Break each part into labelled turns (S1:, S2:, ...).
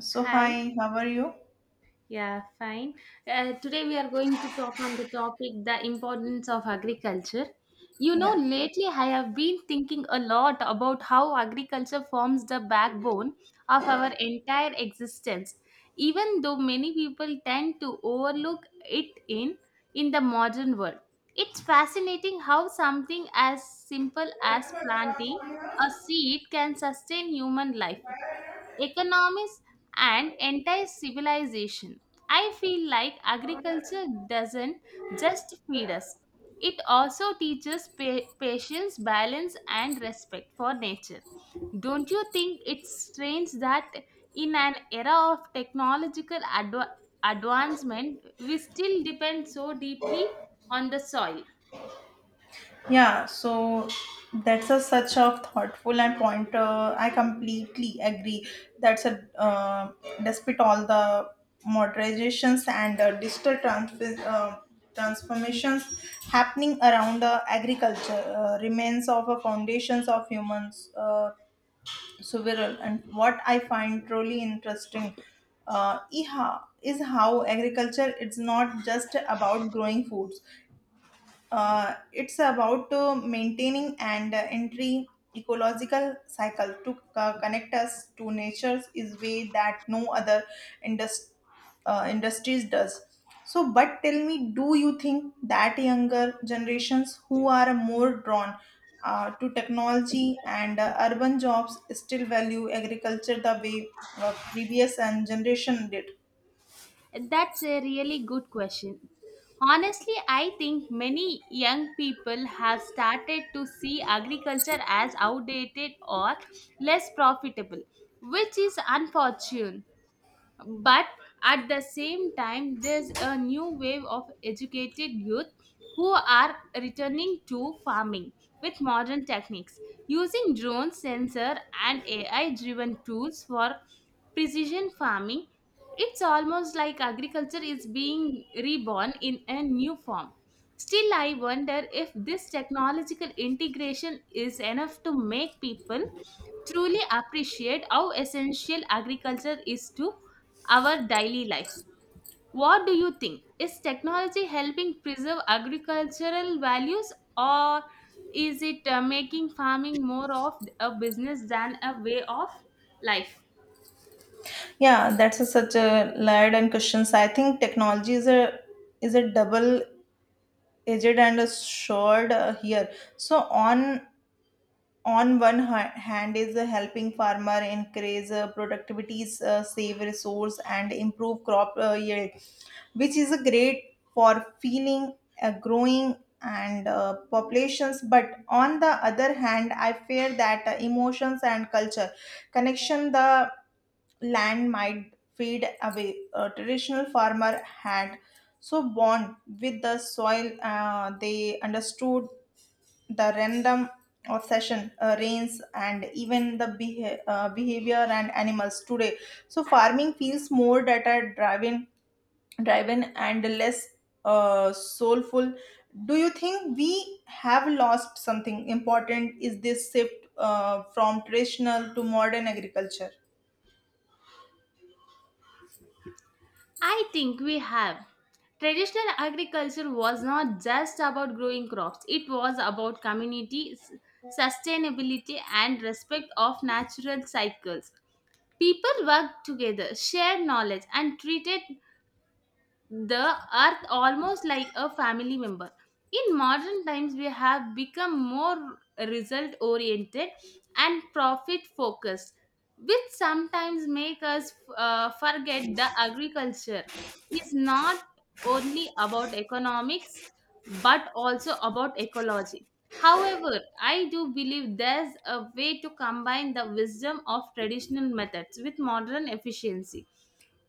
S1: So
S2: Hi.
S1: hi, how are you?
S2: Yeah, fine. Today we are going to talk on the topic the importance of agriculture. You know,
S1: Yeah.
S2: lately I have been thinking a lot about how agriculture forms the backbone of our entire existence, even though many people tend to overlook it in the modern world. It's fascinating how something as simple as planting a seed can sustain human life economies, and entire civilization. I feel like agriculture doesn't just feed us, it also teaches patience, balance, and respect for nature. Don't you think it's strange that in an era of technological advancement, we still depend so deeply on the soil?
S1: Yeah, so that's a such a thoughtful and point. I completely agree. That's a despite all the modernizations and digital transformations happening around agriculture remains of a foundations of humans several. And what I find truly interesting is how agriculture. It's not just about growing foods. It's about maintaining and entry ecological cycle to connect us to nature is way that no other indus- industries does. So, but tell me, do you think that younger generations who are more drawn to technology and urban jobs still value agriculture the way previous and generation did?
S2: That's a really good question. Honestly, I think many young people have started to see agriculture as outdated or less profitable, which is unfortunate. But at the same time, there's a new wave of educated youth who are returning to farming with modern techniques using drone sensor and AI driven tools for precision farming. It's almost like agriculture is being reborn in a new form. Still, I wonder if this technological integration is enough to make people truly appreciate how essential agriculture is to our daily lives. What do you think? Is technology helping preserve agricultural values or is it making farming more of a business than a way of life?
S1: Yeah, that's a, such a layered and questions. I think technology is a double edged and a sword here. So on one hand is helping farmer increase productivity, save resource, and improve crop yield, which is a great for feeling growing and populations. But on the other hand, I fear that emotions and culture connection the land might fade away. A traditional farmer had so bond with the soil they understood the random obsession, rains, and even the behavior and animals today. So farming feels more data driven and less soulful. Do you think we have lost something important? Is this shift from traditional to modern agriculture?
S2: I think we have. Traditional agriculture was not just about growing crops, it was about community, sustainability, and respect of natural cycles. People worked together, shared knowledge, and treated the earth almost like a family member. In modern times, we have become more result oriented and profit focused, which sometimes make us forget the agriculture is not only about economics but also about ecology. However, I do believe there's a way to combine the wisdom of traditional methods with modern efficiency.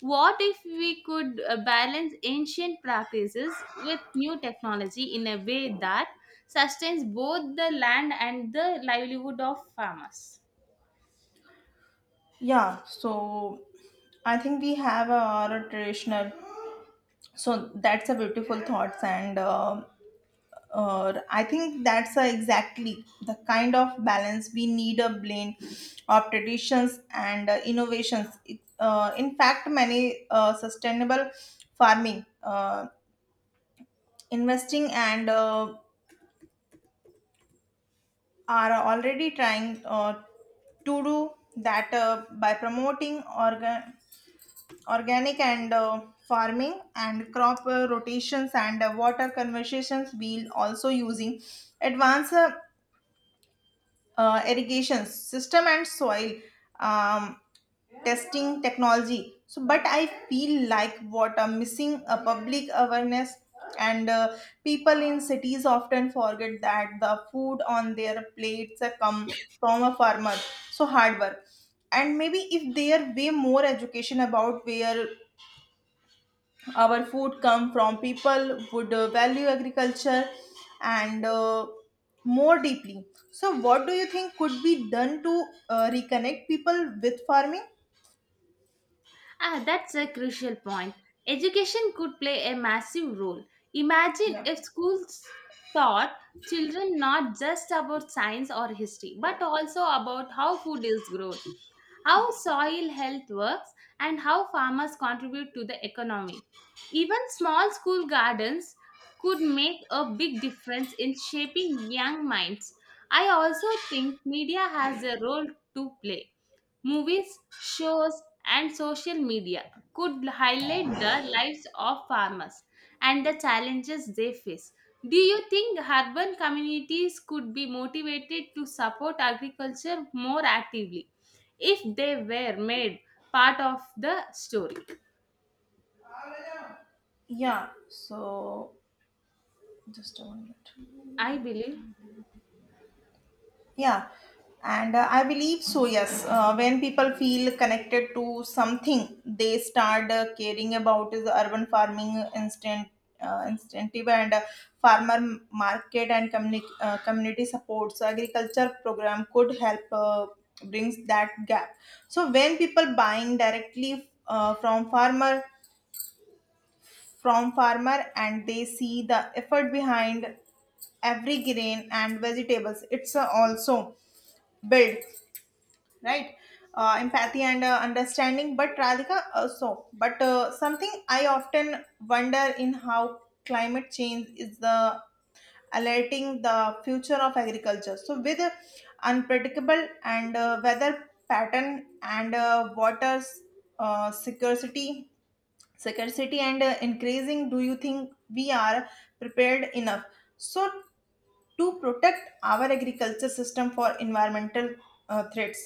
S2: What if we could balance ancient practices with new technology in a way that sustains both the land and the livelihood of farmers?
S1: Yeah, so I think we have our traditional. So that's a beautiful thoughts, and I think that's exactly the kind of balance we need a blend of traditions and innovations. It, in fact, many sustainable farming, investing, and are already trying to do that by promoting organic and farming and crop rotations and water conversions we'll also using advanced irrigation system and soil um, testing technology. So but I feel like what are missing a public awareness and people in cities often forget that the food on their plates come from a farmer so hard work. And maybe if there way more education about where our food come from people would value agriculture and more deeply. So what do you think could be done to reconnect people with farming?
S2: Ah, that's a crucial point. Education could play a massive role. Imagine
S1: Yeah.
S2: if schools taught children not just about science or history, but also about how food is grown, how soil health works, and how farmers contribute to the economy. Even small school gardens could make a big difference in shaping young minds. I also think media has a role to play. Movies, shows, and social media could highlight the lives of farmers and the challenges they face. Do you think urban communities could be motivated to support agriculture more actively if they were made part of the story?
S1: Yeah, so just a moment.
S2: I believe.
S1: Yeah, and I believe so. Yes, when people feel connected to something, they start caring about is urban farming instant incentive and farmer market and community supports. Agriculture program could help brings that gap. So when people buying directly from farmer and they see the effort behind every grain and vegetables, it's also build right empathy and understanding but radhika so but something I often wonder in how climate change is the alerting the future of agriculture so with unpredictable and weather pattern and water uh, scarcity scarcity and increasing, do you think we are prepared enough so to protect our agriculture system for environmental threats?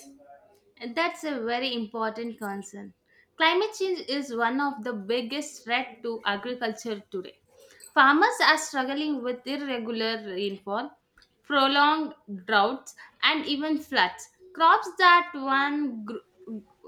S2: That's a very important concern. Climate change is one of the biggest threats to agriculture today. Farmers are struggling with irregular rainfall, prolonged droughts, and even floods. Crops that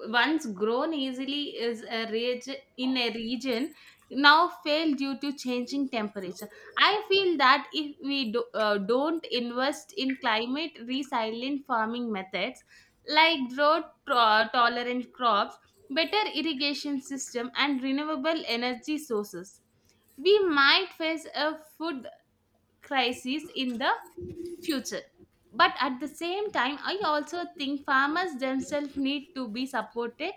S2: once grown easily in a region now fail due to changing temperature. I feel that if we don't invest in climate resilient farming methods, like drought tolerant crops, better irrigation system and renewable energy sources. We might face a food crisis in the future. But at the same time, I also think farmers themselves need to be supported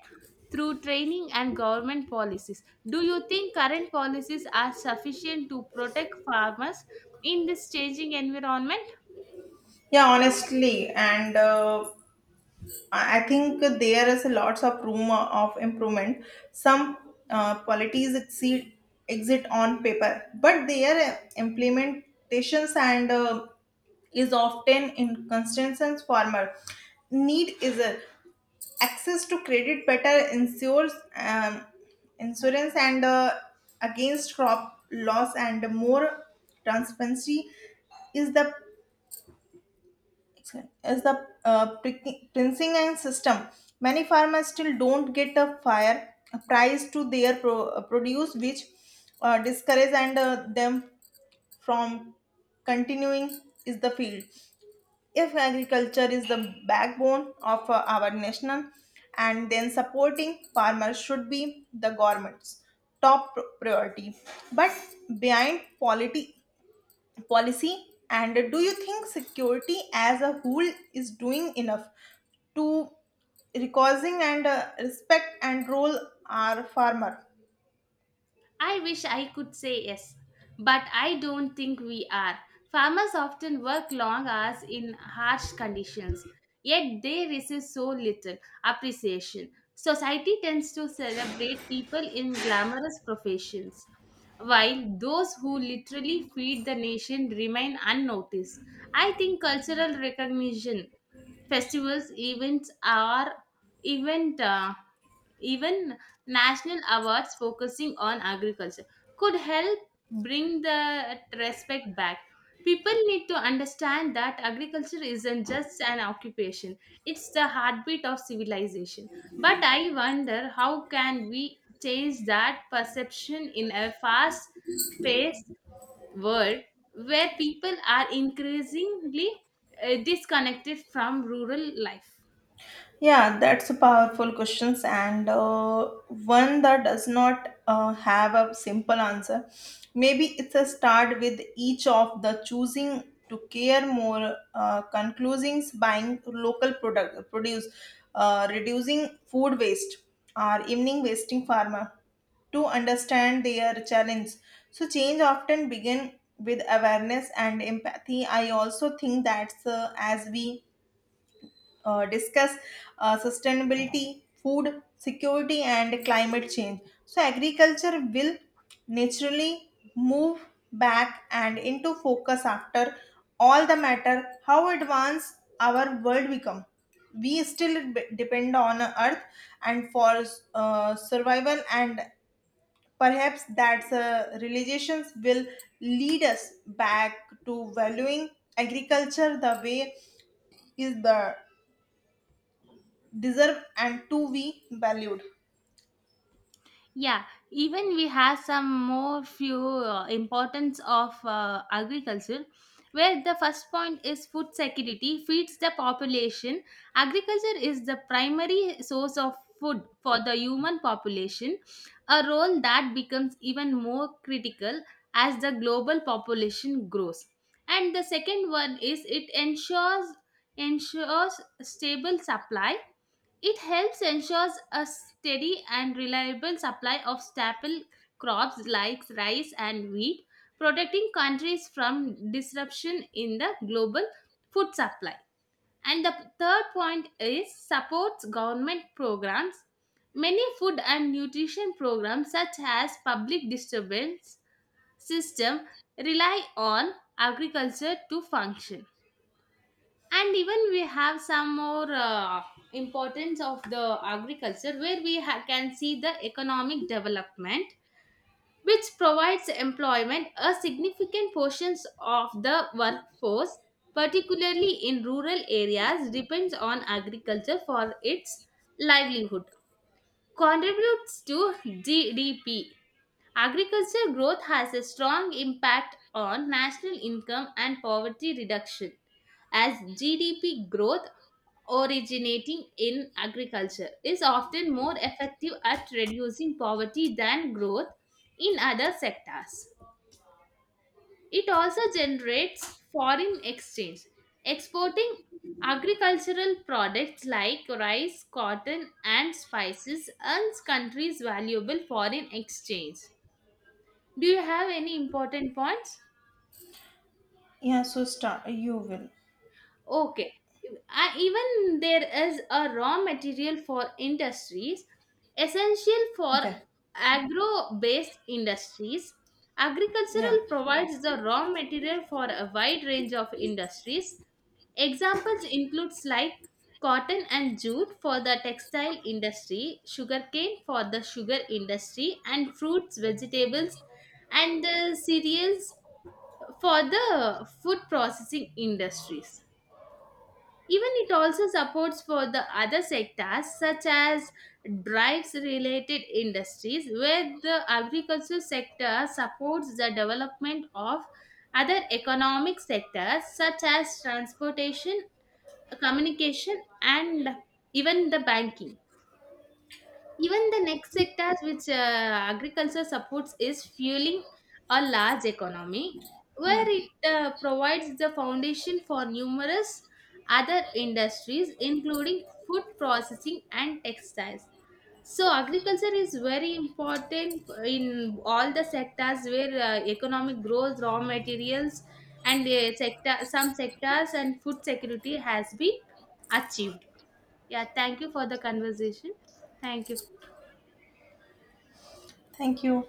S2: through training and government policies. Do you think current policies are sufficient to protect farmers in this changing environment?
S1: Yeah, honestly, and I think there is lots of room of improvement. Some policies exceed exit on paper, but their implementations and is often inconsistent and formal. Need is a access to credit better insures insurance and against crop loss and more transparency is the as the pricing and system. Many farmers still don't get a fair price to their produce, which discourage and them from continuing is the field. If agriculture is the backbone of our national, and then supporting farmers should be the government's top priority. But behind polity policy and do you think security as a whole is doing enough to recognizing and respect and role our farmer?
S2: I wish I could say yes, but I don't think we are. Farmers often work long hours in harsh conditions, yet they receive so little appreciation. Society tends to celebrate people in glamorous professions, while those who literally feed the nation remain unnoticed. I think cultural recognition, festivals, events are event even national awards focusing on agriculture could help bring the respect back. People need to understand that agriculture isn't just an occupation, it's the heartbeat of civilization. But I wonder, how can we change that perception in a fast paced world where people are increasingly disconnected from rural life?
S1: Yeah, that's a powerful questions and one that does not have a simple answer. Maybe it's a start with each of the choosing to care more, conclusings buying local product produce, reducing food waste, or evening wasting farmer to understand their challenge. So change often begin with awareness and empathy. I also think that's as we discuss sustainability, food security, and climate change. So, agriculture will naturally move back and into focus after all the matter how advanced our world become, we still depend on earth and for survival and perhaps that's realizations will lead us back to valuing agriculture the way is the deserve and to be valued.
S2: Yeah, even we have some more few importance of agriculture, where the first point is food security feeds the population. Agriculture is the primary source of food for the human population, a role that becomes even more critical as the global population grows. And the second one is it ensures stable supply, it helps ensures a steady and reliable supply of staple crops like rice and wheat, protecting countries from disruption in the global food supply. And the third point is supports government programs. Many food and nutrition programs such as public disturbance system rely on agriculture to function, and even we have some more importance of the agriculture where we can see the economic development which provides employment, a significant portions of the workforce particularly in rural areas depends on agriculture for its livelihood, contributes to GDP. Agriculture growth has a strong impact on national income and poverty reduction, as GDP growth originating in agriculture is often more effective at reducing poverty than growth in other sectors. It also generates foreign exchange, exporting agricultural products like rice, cotton, and spices earns countries valuable foreign exchange. Do you have any important points?
S1: Yeah, so start. You will.
S2: Okay. I, even there is a raw material for industries essential for
S1: Okay.
S2: agro based industries.
S1: Yeah.
S2: Agricultural provides the raw material for a wide range of industries. Examples includes like cotton and jute for the textile industry, sugarcane for the sugar industry, and fruits, vegetables, and the cereals for the food processing industries. Even it also supports for the other sectors such as drives related industries where the agriculture sector supports the development of other economic sectors such as transportation, communication and even the banking. Even the next sectors which agriculture supports is fueling a large economy
S1: Yeah.
S2: where it provides the foundation for numerous other industries including food processing and textiles. So agriculture is very important in all the sectors where economic growth, raw materials, and sector some sectors and food security has been achieved. Yeah, thank you for the conversation. Thank you.
S1: Thank you.